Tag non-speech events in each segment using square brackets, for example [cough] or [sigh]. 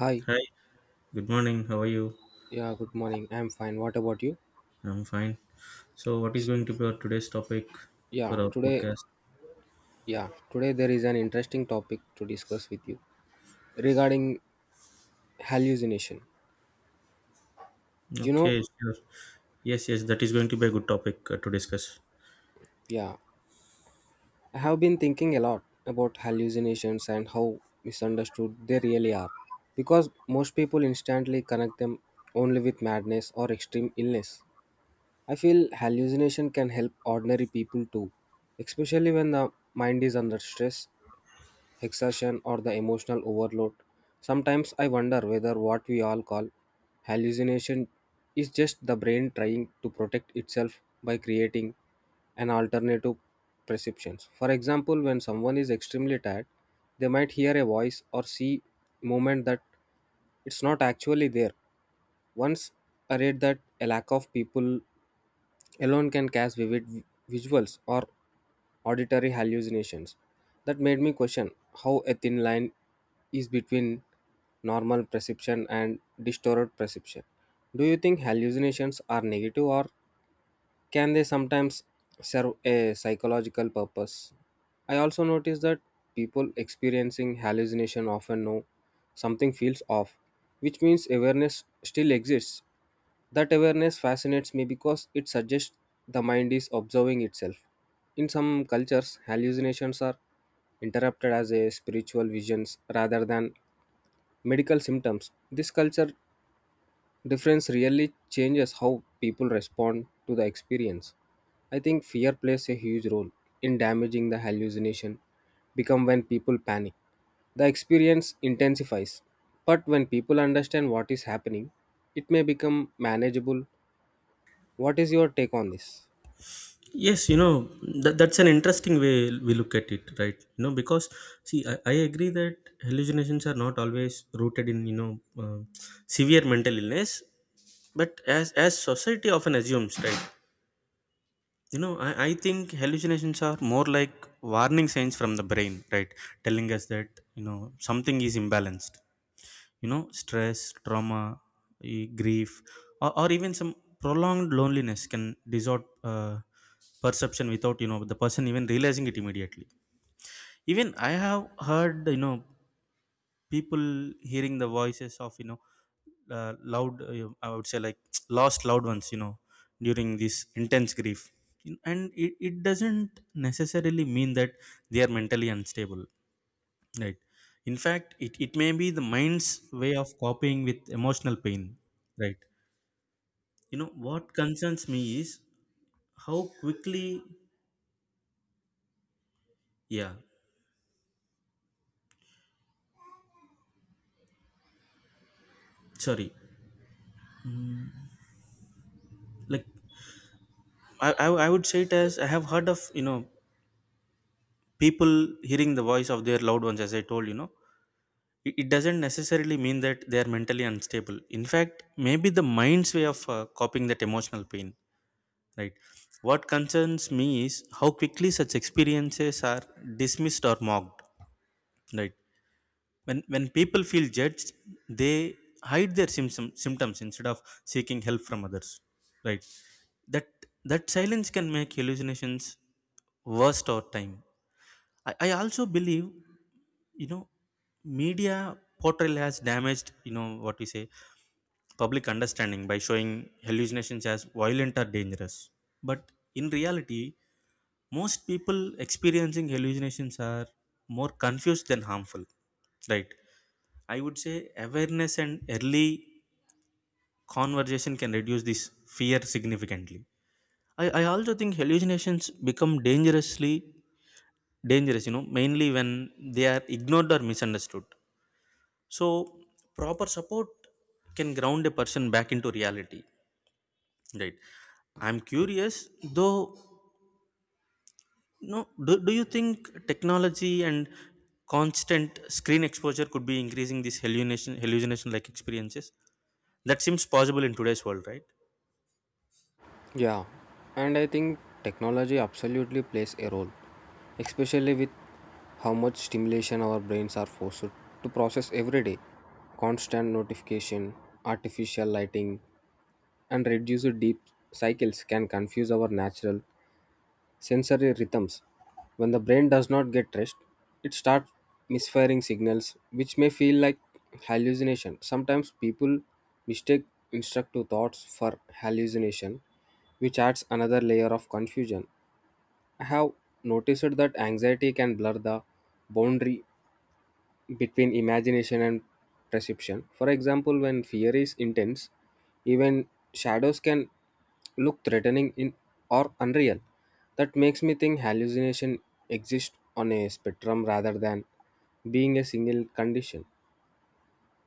Hi. Hi, good morning. How are you? Yeah, good morning. I'm fine. What about you? I'm fine. So, what is S- going to be our today's topic for Yeah, our today, podcast? yeah, today there is an interesting topic to discuss with you regarding hallucination. You know, Okay, sure. Yes, yes, that is going to be a good topic to discuss. yeah, I have been thinking a lot about hallucinations and how misunderstood they really are because most people instantly connect them only with madness or extreme illness. I feel hallucination can help ordinary people too, especially when the mind is under stress exhaustion, or the emotional overload. Sometimes I wonder whether what we all call hallucination is just the brain trying to protect itself by creating an alternative perceptions. For example, when someone is extremely tired, they might hear a voice or see movement that it's not actually there. Once I read that a lack of people alone can cast vivid visuals or auditory hallucinations that made me question how a thin line is between normal perception and distorted perception. Do you think hallucinations are negative or can they sometimes serve a psychological purpose? I also noticed that people experiencing hallucination often know something feels off, which means awareness still exists that awareness fascinates me because it suggests the mind is observing itself. In some cultures, hallucinations are interpreted as a spiritual visions rather than medical symptoms. This culture difference really changes how people respond to the experience. I think fear plays a huge role in damaging the hallucination become when people panic. The experience intensifies, but when people understand what is happening, it may become manageable what is your take on this? Yes, that's an interesting way we look at it, right? You know, because see, I agree that hallucinations are not always rooted in, severe mental illness, but as society often assumes, right? You know, I think hallucinations are more like warning signs from the brain, right? Telling us that, something is imbalanced. You know, stress, trauma, grief, or even some prolonged loneliness can distort perception without, the person even realizing it immediately. Even I have heard, people hearing the voices of loud I would say, like, [tsk] lost loved ones, during this intense grief, and it doesn't necessarily mean that they are mentally unstable, right? In fact, it may be the mind's way of coping with emotional pain, right? You know, what concerns me is how quickly, yeah, sorry, like, I would say it, as I have heard of, people hearing the voice of their loved ones, as I told, it doesn't necessarily mean that they are mentally unstable. In fact, maybe the mind's way of coping that emotional pain, right? What concerns me is how quickly such experiences are dismissed or mocked, right? When people feel judged, they hide their symptoms instead of seeking help from others, right? That that silence can make hallucinations worse over time. I also believe, you know media portrayal has damaged, what we say, public understanding by showing hallucinations as violent or dangerous. But in reality, most people experiencing hallucinations are more confused than harmful, right? I would say awareness and early conversation can reduce this fear significantly. I also think hallucinations become dangerous, mainly when they are ignored or misunderstood. So, proper support can ground a person back into reality, right? I'm curious, though, no, do you think technology and constant screen exposure could be increasing these hallucination like experiences? That seems possible in today's world, right? Yeah, and I think technology absolutely plays a role, especially with how much stimulation our brains are forced to process every day. Constant notification, artificial lighting, and reduced deep cycles can confuse our natural sensory rhythms. When the brain does not get rest, it starts misfiring signals, which may feel like hallucination. Sometimes people mistake instructive thoughts for hallucination, which adds another layer of confusion. I have noticed that anxiety can blur the boundary between imagination and perception. For example, when fear is intense, even shadows can look threatening in or unreal. That makes me think hallucination exist on a spectrum rather than being a single condition.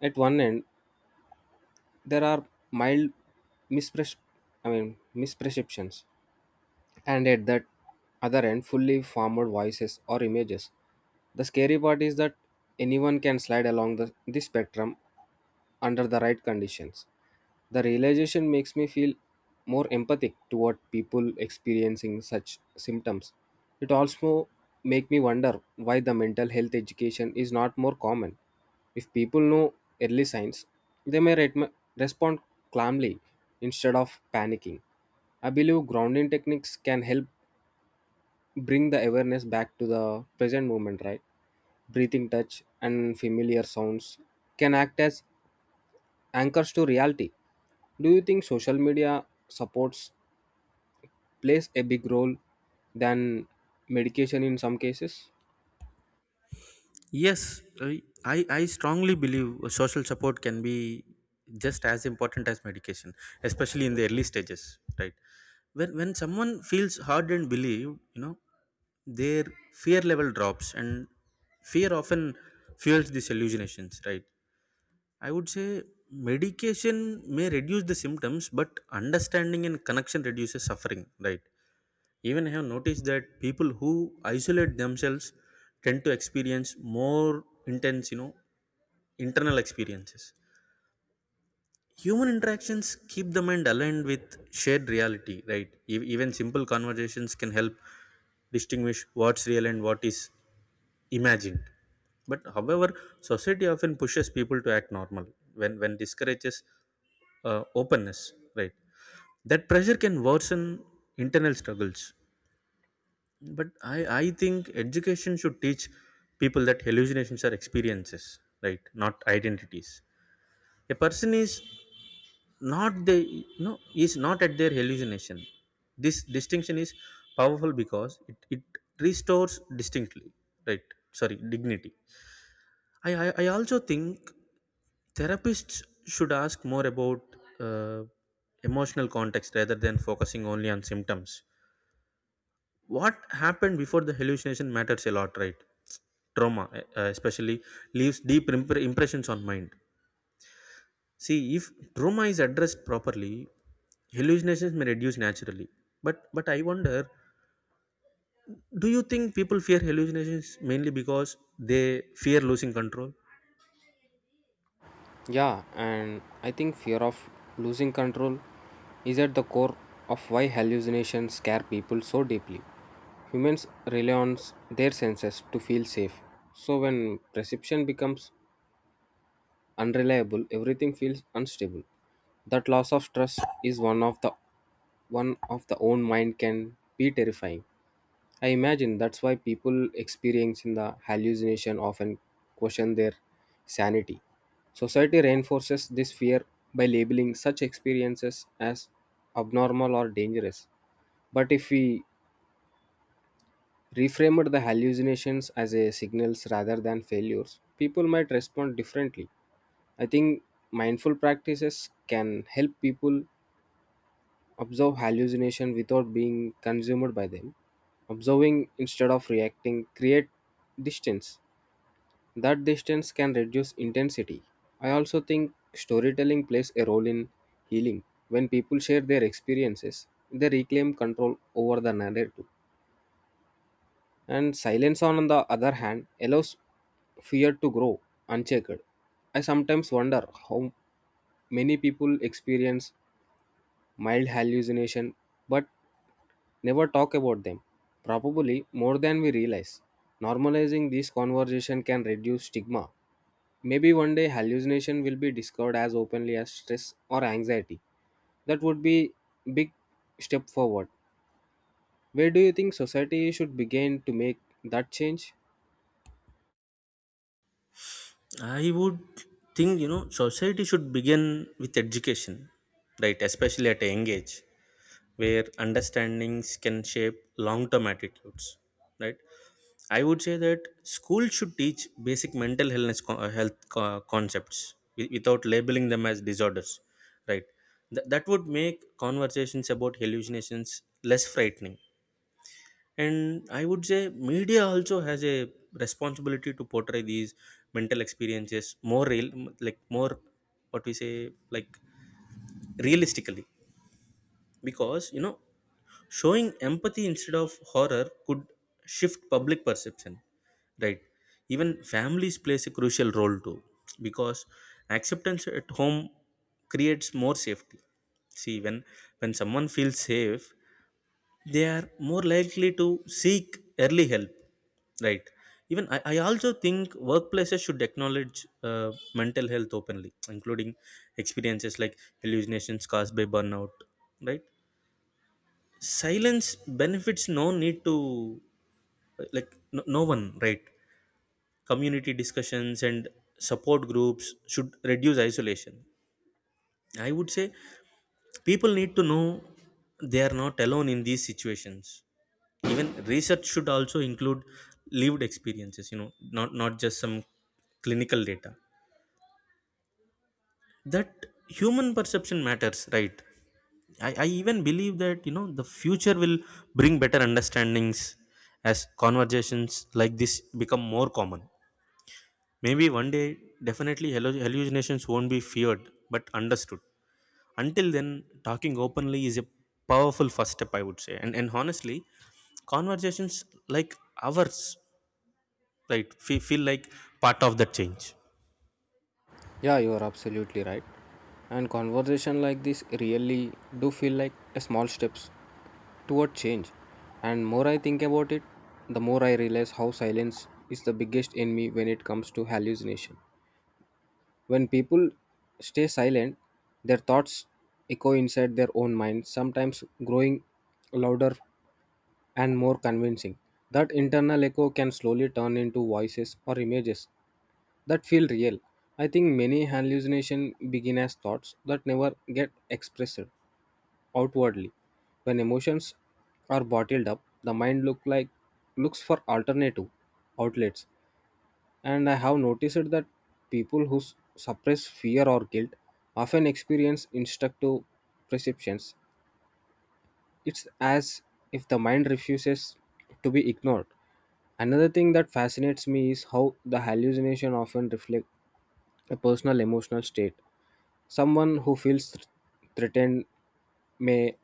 At one end, there are mild mispres- misperceptions and at that other end fully formed voices or images. The scary part is that anyone can slide along this spectrum under the right conditions. The realization makes me feel more empathic toward people experiencing such symptoms. It also make me wonder why the mental health education is not more common. If people know early signs, they may respond calmly instead of panicking. I believe grounding techniques can help bring the awareness back to the present moment, right? Breathing touch and familiar sounds can act as anchors to reality. Do you think social media supports plays a big role than medication in some cases? Yes, I strongly believe social support can be just as important as medication, especially in the early stages, right? When someone feels hard and believed, their fear level drops, and fear often fuels these hallucinations, right? I would say medication may reduce the symptoms, but understanding and connection reduces suffering, right? Even I have noticed that people who isolate themselves tend to experience more intense, internal experiences. Human interactions keep the mind aligned with shared reality, right? Even simple conversations can help distinguish what's real and what is imagined. But however, society often pushes people to act normal when, discourages openness, right? That pressure can worsen internal struggles. But I think education should teach people that hallucinations are experiences, right, not identities. A person is, not, they, you know, is not at their hallucination. This distinction is powerful because it restores distinctly, right, sorry, dignity. I also think therapists should ask more about uh, emotional context rather than focusing only on symptoms. What happened before the hallucination matters a lot, right? Trauma, especially, leaves deep impressions on mind. See, if trauma is addressed properly, hallucinations may reduce naturally. But I wonder, do you think people fear hallucinations mainly because they fear losing control? Yeah, and I think fear of losing control is at the core of why hallucinations scare people so deeply. Humans rely on their senses to feel safe. So when perception becomes unreliable, everything feels unstable. That loss of trust is one of the own mind can be terrifying. I imagine that's why people experiencing the hallucination often question their sanity. Society reinforces this fear by labeling such experiences as abnormal or dangerous. But if we reframed the hallucinations as a signals rather than failures, people might respond differently. I think mindful practices can help people observe hallucination without being consumed by them. Observing instead of reacting create distance. That distance can reduce intensity. I also think storytelling plays a role in healing. When people share their experiences, they reclaim control over the narrative. And silence, on the other hand, allows fear to grow unchecked. I sometimes wonder how many people experience mild hallucination, but never talk about them, probably more than we realize. Normalizing these conversation can reduce stigma. Maybe one day hallucination will be discovered as openly as stress or anxiety. That would be big step forward. Where do you think society should begin to make that change? I would think, society should begin with education, right, especially at a young age, where understandings can shape long term attitudes, right. I would say that school should teach basic mental health concepts, without labeling them as disorders, right. That would make conversations about hallucinations less frightening. And I would say media also has a responsibility to portray these mental experiences more real, like more, what we say, like realistically. Because, you know, showing empathy instead of horror could shift public perception, right? Even families plays a crucial role too, because acceptance at home creates more safety. See, when someone feels safe, they are more likely to seek early help, right? Even I also think workplaces should acknowledge mental health openly, including experiences like hallucinations caused by burnout, right? Silence benefits no need to like no, no one, right. Community discussions and support groups should reduce isolation. I would say people need to know they are not alone in these situations. Even research should also include lived experiences, not just some clinical data. That human perception matters, right. I even believe that, the future will bring better understandings as conversations like this become more common. Maybe one day, definitely, hallucinations won't be feared but understood. Until then, talking openly is a powerful first step, I would say. And honestly, conversations like ours, right, feel like part of that change. Yeah, you are absolutely right. And conversation like this really do feel like a small steps toward change. And more I think about it, the more I realize how silence is the biggest enemy when it comes to hallucination. When people stay silent, their thoughts echo inside their own minds, sometimes growing louder and more convincing. That internal echo can slowly turn into voices or images that feel real. I think many hallucinations begin as thoughts that never get expressed outwardly. When emotions are bottled up, the mind looks for alternative outlets. And I have noticed that people who suppress fear or guilt often experience instructive perceptions. It's as if the mind refuses to be ignored. Another thing that fascinates me is how the hallucination often reflect a personal emotional state. Someone who feels threatened may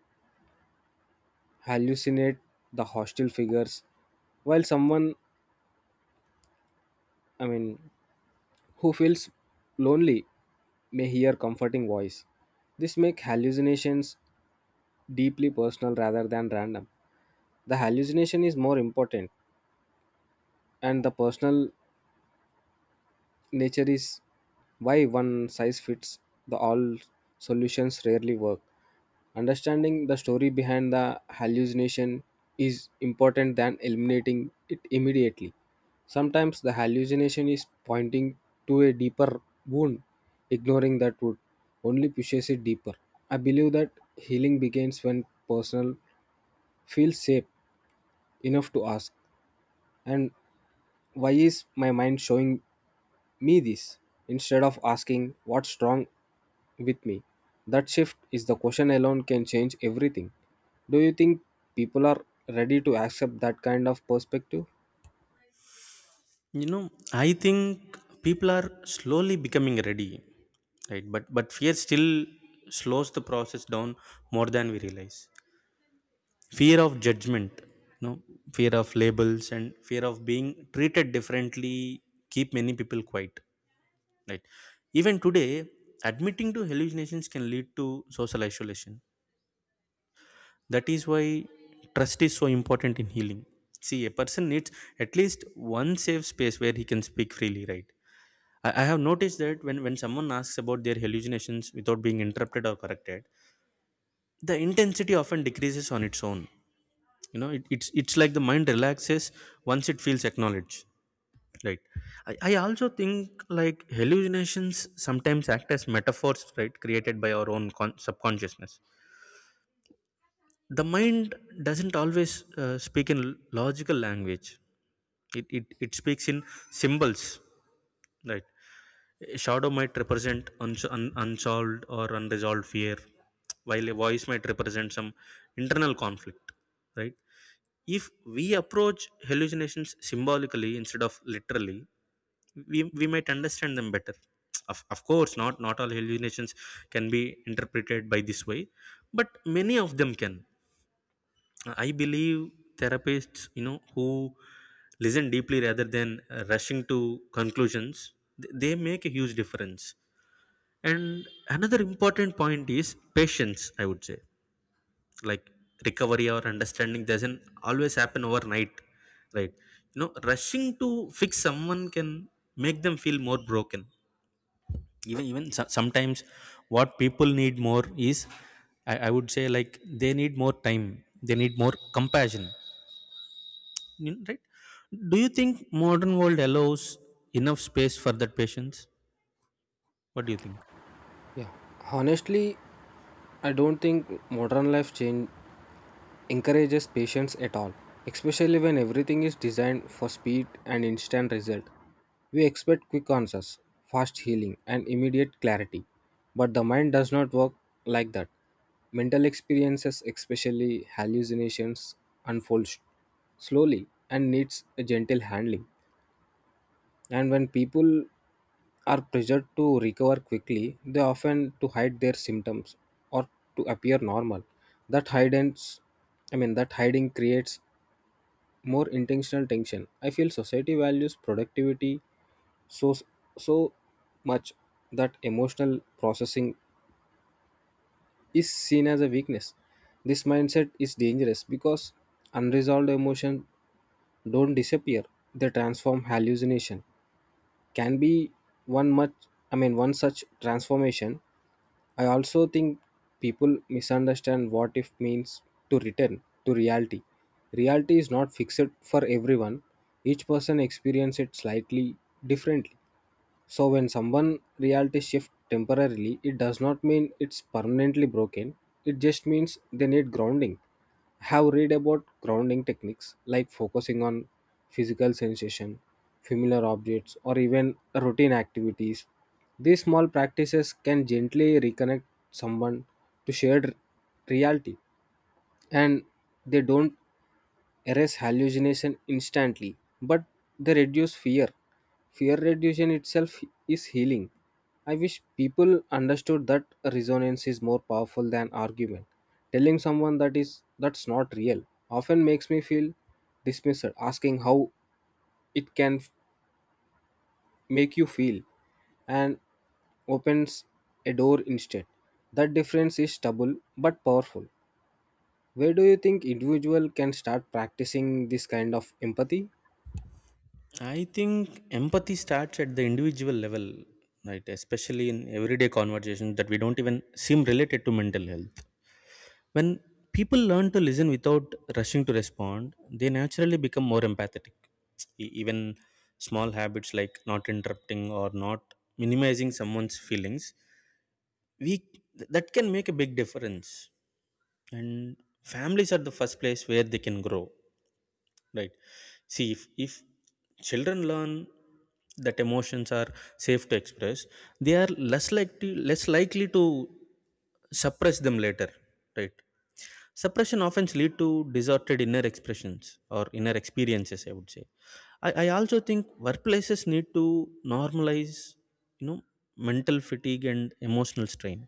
hallucinate the hostile figures, while someone, I mean, who feels lonely may hear comforting voice. This make hallucinations deeply personal rather than random. The hallucination is more important and the personal nature is why one size fits the all solutions rarely work understanding the story behind the hallucination is important than eliminating it immediately. Sometimes the hallucination is pointing to a deeper wound. Ignoring that wound only pushes it deeper. I believe that healing begins when personal feels safe enough to ask and why is my mind showing me this instead of asking what's wrong with me. That shift is the question alone can change everything. Do you think people are ready to accept that kind of perspective? You know, I think people are slowly becoming ready, right? But fear still slows the process down more than we realize. Fear of judgment, you know, fear of labels, and fear of being treated differently keep many people quiet, right? Even today, admitting to hallucinations can lead to social isolation. That is why trust is so important in healing. See, a person needs at least one safe space where he can speak freely, right? I have noticed that when someone asks about their hallucinations without being interrupted or corrected, the intensity often decreases on its own. You know, it's like the mind relaxes once it feels acknowledged. Right. I also think, like, hallucinations sometimes act as metaphors, right, created by our own subconsciousness. The mind doesn't always speak in logical language. It speaks in symbols, right? A shadow might represent unsolved or unresolved fear, while a voice might represent some internal conflict, right? If we approach hallucinations symbolically instead of literally, we might understand them better. Of course, not all hallucinations can be interpreted by this way, but many of them can. I believe therapists, you know, who listen deeply rather than rushing to conclusions, they make a huge difference. And another important point is patience, I would say. Like, recovery or understanding doesn't always happen overnight, right? You know, rushing to fix someone can make them feel more broken. Sometimes what people need more is, I would say, like, they need more time, they need more compassion. You know, right? Do you think modern world allows enough space for that patience? What do you think? Yeah. Honestly, I don't think modern life change encourages patience at all, especially when everything is designed for speed and instant result. We expect quick answers, fast healing, and immediate clarity. But the mind does not work like that. Mental experiences, especially hallucinations, unfold slowly and needs a gentle handling. And when people are pressured to recover quickly, they often to hide their symptoms or to appear normal. That hidance, I mean, that hiding creates more intentional tension. I feel society values productivity so so much that emotional processing is seen as a weakness. This mindset is dangerous because unresolved emotions don't disappear; they transform hallucination can be one much one such transformation. I also think people misunderstand what if means to return to reality. Reality is not fixed for everyone. Each person experiences it slightly differently, so when someone reality shift temporarily, it does not mean it's permanently broken. It just means they need grounding. Have read about grounding techniques like focusing on physical sensation, familiar objects, or even routine activities. These small practices can gently reconnect someone to shared reality and they don't erase hallucination instantly, but they reduce fear. Fear reduction itself is healing. I wish people understood that resonance is more powerful than argument. Telling someone that is that's not real often makes me feel dismissed. Asking how it can make you feel and opens a door instead. That difference is stubble but powerful. Where do you think individual can start practicing this kind of empathy? I think empathy starts at the individual level, right? Especially in everyday conversations that we don't even seem related to mental health. When people learn to listen without rushing to respond, they naturally become more empathetic. Even small habits, like not interrupting or not minimizing someone's feelings, we that can make a big difference. And families are the first place where they can grow, right. See, if children learn that emotions are safe to express, they are less likely to suppress them later, right. Suppression often lead to distorted inner expressions or inner experiences, I would say. I also think workplaces need to normalize, you know mental fatigue and emotional strain.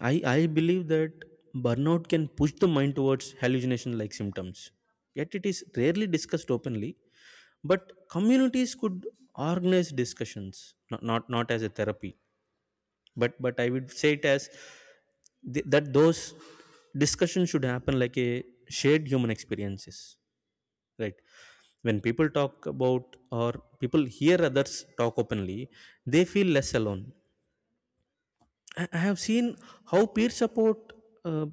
I believe that burnout can push the mind towards hallucination like symptoms. Yet it is rarely discussed openly, but communities could organize discussions, not as a therapy, but I would say it as that those discussions should happen like a shared human experiences, right? When people talk about, or people hear others talk openly, they feel less alone. I have seen how peer support uh,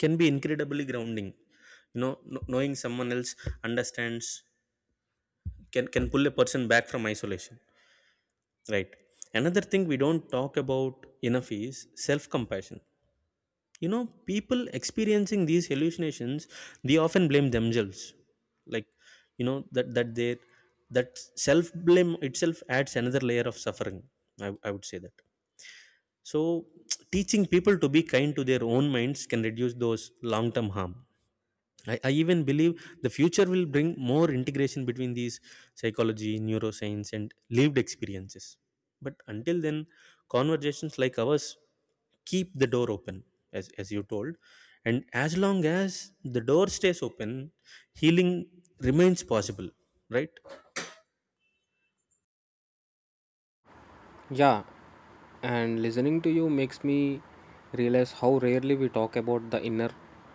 can be incredibly grounding. You know, knowing someone else understands can pull a person back from isolation, right. Another thing we don't talk about enough is self compassion. You know, people experiencing these hallucinations, they often blame themselves, like, you know, that self blame itself adds another layer of suffering. I would say that, so, [tsk] teaching people to be kind to their own minds can reduce those long term harm. I even believe the future will bring more integration between these psychology, neuroscience, and lived experiences. But until then, conversations like ours keep the door open, as you told. And as long as the door stays open, healing remains possible, right? Yeah, and listening to you makes me realize how rarely we talk about the inner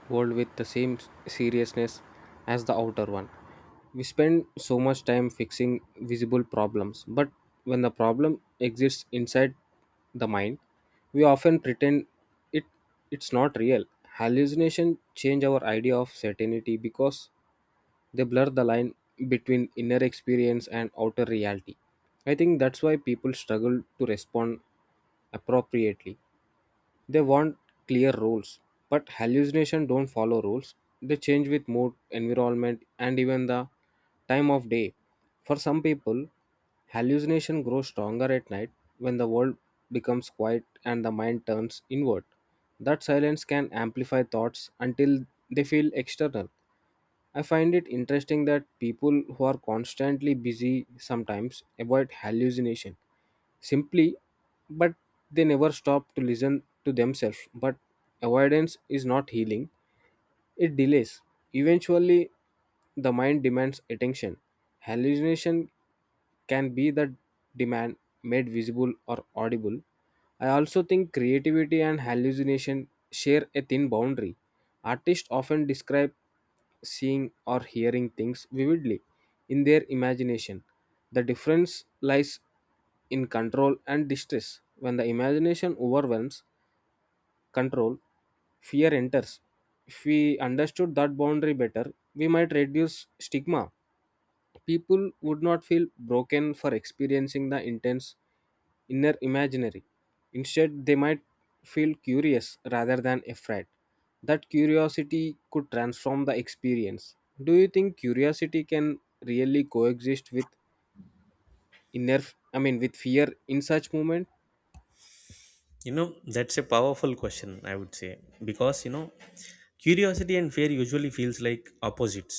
world with the same seriousness as the outer one. We spend so much time fixing visible problems, but when the problem exists inside the mind, we often pretend it it's not real. Hallucination change our idea of certainty because they blur the line between inner experience and outer reality. I think that's why people struggle to respond appropriately. They want clear rules, but hallucination don't follow rules. They change with mood, environment, and even the time of day. For some people, hallucination grows stronger at night when the world becomes quiet and the mind turns inward. That silence can amplify thoughts until they feel external. I find it interesting that people who are constantly busy sometimes avoid hallucination simply, but they never stop to listen to themselves. But avoidance is not healing, it delays. Eventually, the mind demands attention. Hallucination can be the demand made visible or audible. I also think creativity and hallucination share a thin boundary. Artists often describe seeing or hearing things vividly in their imagination. The difference lies in control and distress. When the imagination overwhelms control, fear enters. If we understood that boundary better, we might reduce stigma. People would not feel broken for experiencing the intense inner imaginary. Instead, they might feel curious rather than afraid. That curiosity could transform the experience. Do you think curiosity can really coexist with inner I mean with fear in such movement? You know, that's a powerful question, I would say, because, curiosity and fear usually feels like opposites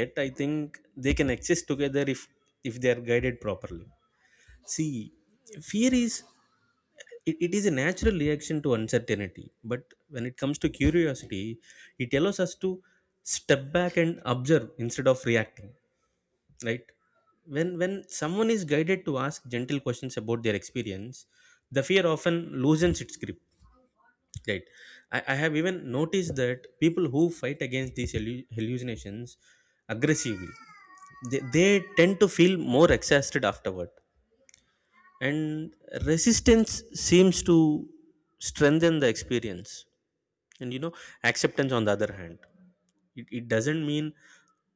yet I think they can exist together if they are guided properly. See, fear is it is a natural reaction to uncertainty, but when it comes to curiosity, it allows us to step back and observe instead of reacting, right? When someone is guided to ask gentle questions about their experience, the fear often loosens its grip, right? I have even noticed that people who fight against these hallucinations aggressively, they tend to feel more exhausted afterward, and resistance seems to strengthen the experience. And acceptance, on the other hand, it doesn't mean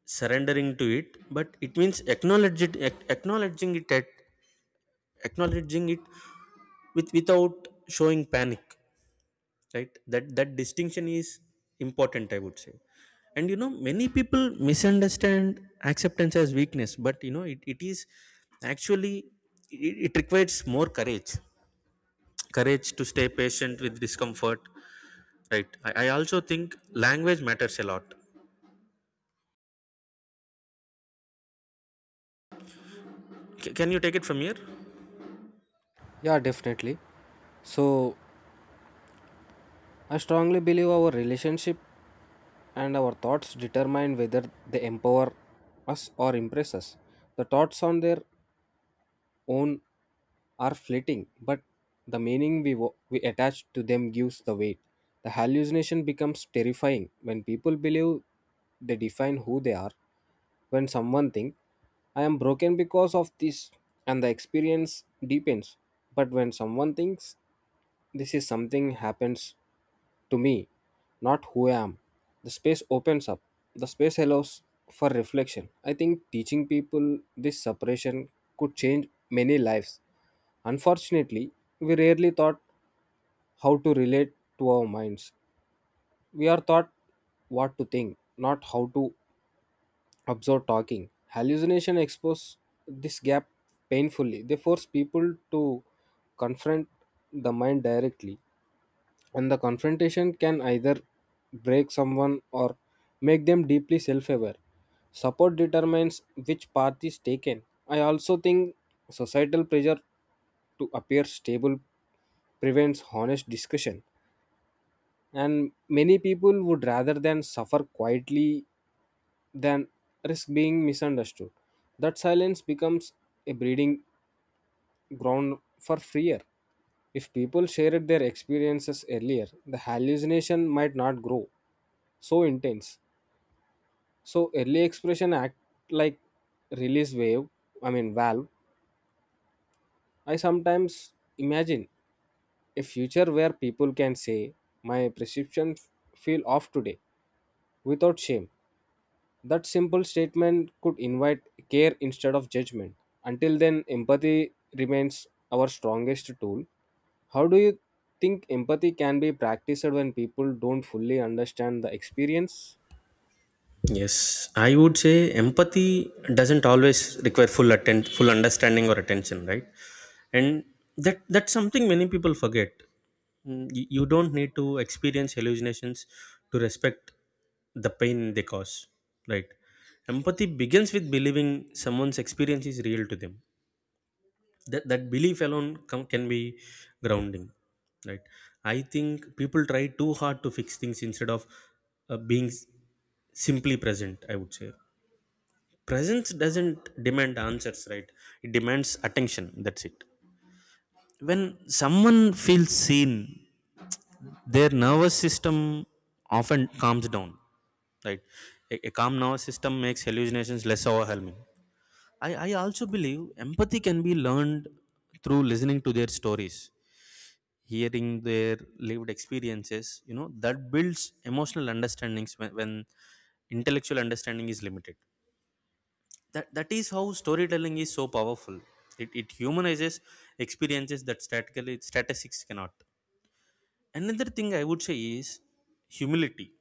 surrendering to it, but it means acknowledge it, ac- acknowledging it at acknowledging it without showing panic, right? That distinction is important, I would say. And you know, many people misunderstand acceptance as weakness, but you know, it is actually, it requires more courage, courage to stay patient with discomfort, right? I also think language matters a lot. Can you take it from here? Yeah, definitely. So, I strongly believe our relationship and our thoughts determine whether they empower us or impress us. The thoughts on their own are fleeting, but the meaning we attach to them gives the weight. The hallucination becomes terrifying when people believe they define who they are. When someone thinks, I am broken because of this, and the experience deepens. But when someone thinks this is something happens to me, not who I am. The space opens up. The space allows for reflection. I think teaching people this separation could change many lives. Unfortunately, we rarely thought how to relate to our minds. We are taught what to think, not how to observe talking. Hallucination expose this gap painfully. They force people to confront the mind directly and the confrontation can either break someone or make them deeply self-aware. Support determines which path is taken. I also think societal pressure to appear stable prevents honest discussion and many people would rather than suffer quietly than risk being misunderstood. That silence becomes a breeding ground for fear. If people shared their experiences earlier the hallucination might not grow so intense. So early expression act like release wave, I mean valve. I sometimes imagine a future where people can say, My prescription feel off today without shame. That simple statement could invite care instead of judgment. Until then, empathy remains our strongest tool. How do you think empathy can be practiced when people don't fully understand the experience? Yes, I would say empathy doesn't always require full understanding or attention, right? And that's something many people forget. Mm, you don't need to experience hallucinations to respect the pain they cause, right? Empathy begins with believing someone's experience is real to them. That belief alone can be grounding, right? I think people try too hard to fix things instead of uh, being s- simply present, I would say. Presence doesn't demand answers, right? It demands attention, that's it. When someone feels seen, their nervous system often calms down, right? A calm nervous system makes hallucinations less overwhelming. I also believe empathy can be learned through listening to their stories. Hearing their lived experiences, you know, that builds emotional understandings when, intellectual understanding is limited. That is how storytelling is so powerful. It humanizes experiences that statically statistics cannot. Another thing I would say is humility.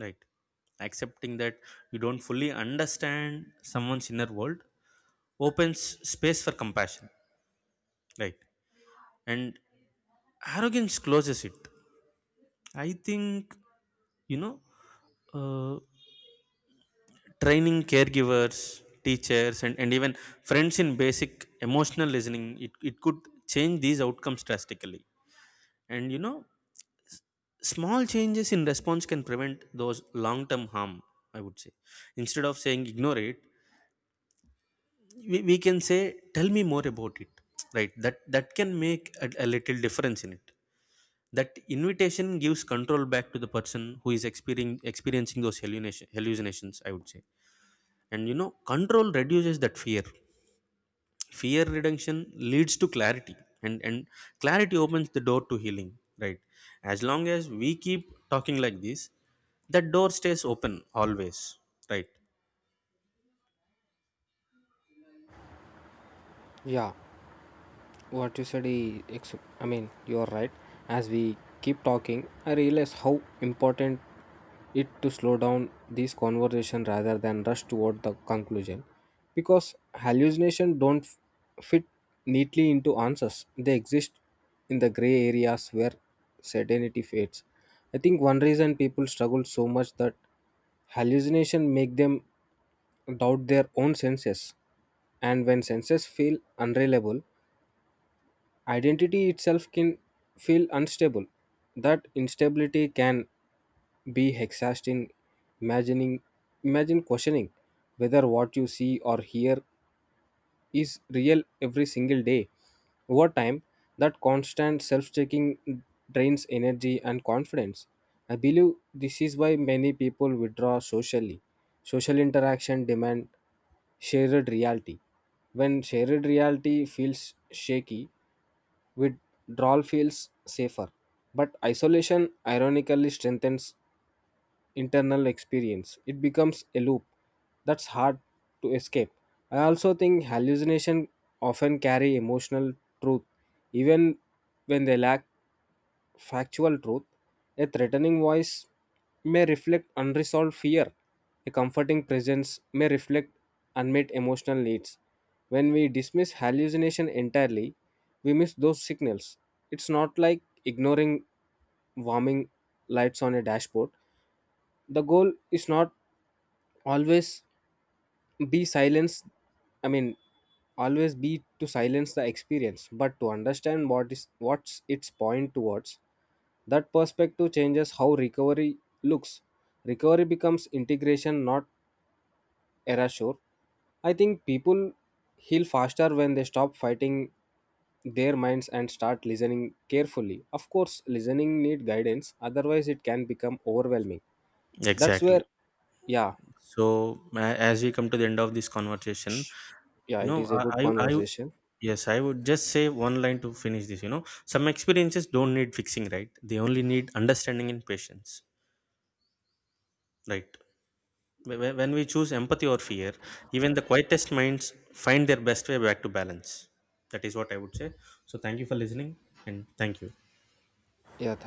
Right. Accepting that you don't fully understand someone's inner world opens space for compassion. Right. And arrogance closes it. I think, you know, uh, training caregivers, teachers, and even friends in basic emotional listening, it could change these outcomes drastically. And, you know, small changes in response can prevent those long term harm, I would say. Instead of saying ignore it, we can say tell me more about it, right? That can make a little difference in it. That invitation gives control back to the person who is experiencing those hallucinations, I would say. And you know, control reduces that fear. Fear reduction leads to clarity, and clarity opens the door to healing, right? As long as we keep talking like this, that door stays open always, right? Yeah. what you said is, ex- I mean you are right. As we keep talking I realize how important it to slow down this conversation rather than rush toward the conclusion because hallucination don't fit neatly into answers. They exist in the gray areas where certainty fades. I think one reason people struggle so much that hallucination make them doubt their own senses and when senses feel unreliable identity itself can feel unstable. That instability can be exhausting. Imagining, imagine questioning whether what you see or hear is real every single day. Over time, that constant self checking drains energy and confidence. I believe this is why many people withdraw socially. Social interaction demand shared reality. When shared reality feels shaky, withdrawal feels safer. But isolation ironically strengthens internal experience. It becomes a loop that's hard to escape. I also think hallucination often carry emotional truth even when they lack factual truth, a threatening voice may reflect unresolved fear. A comforting presence may reflect unmet emotional needs. When we dismiss hallucination entirely, we miss those signals. It's not like ignoring warming lights on a dashboard. The goal is not always be silence i mean always be to silence the experience but to understand what is what's its point towards. That perspective changes how recovery looks. Recovery becomes integration not erasure. I think people heal faster when they stop fighting their minds and start listening carefully. Of course listening need guidance otherwise it can become overwhelming. That's where Exactly. yeah So as we come to the end of this conversation, sh- yeah you it know, is a good I conversation. yes, I would just say one line to finish this. You know, some experiences don't need fixing, right? They only need understanding and patience, right? When we choose empathy or fear, even the quietest minds find their best way back to balance. That is what I would say. So thank you for listening, and thank you. Yeah, thank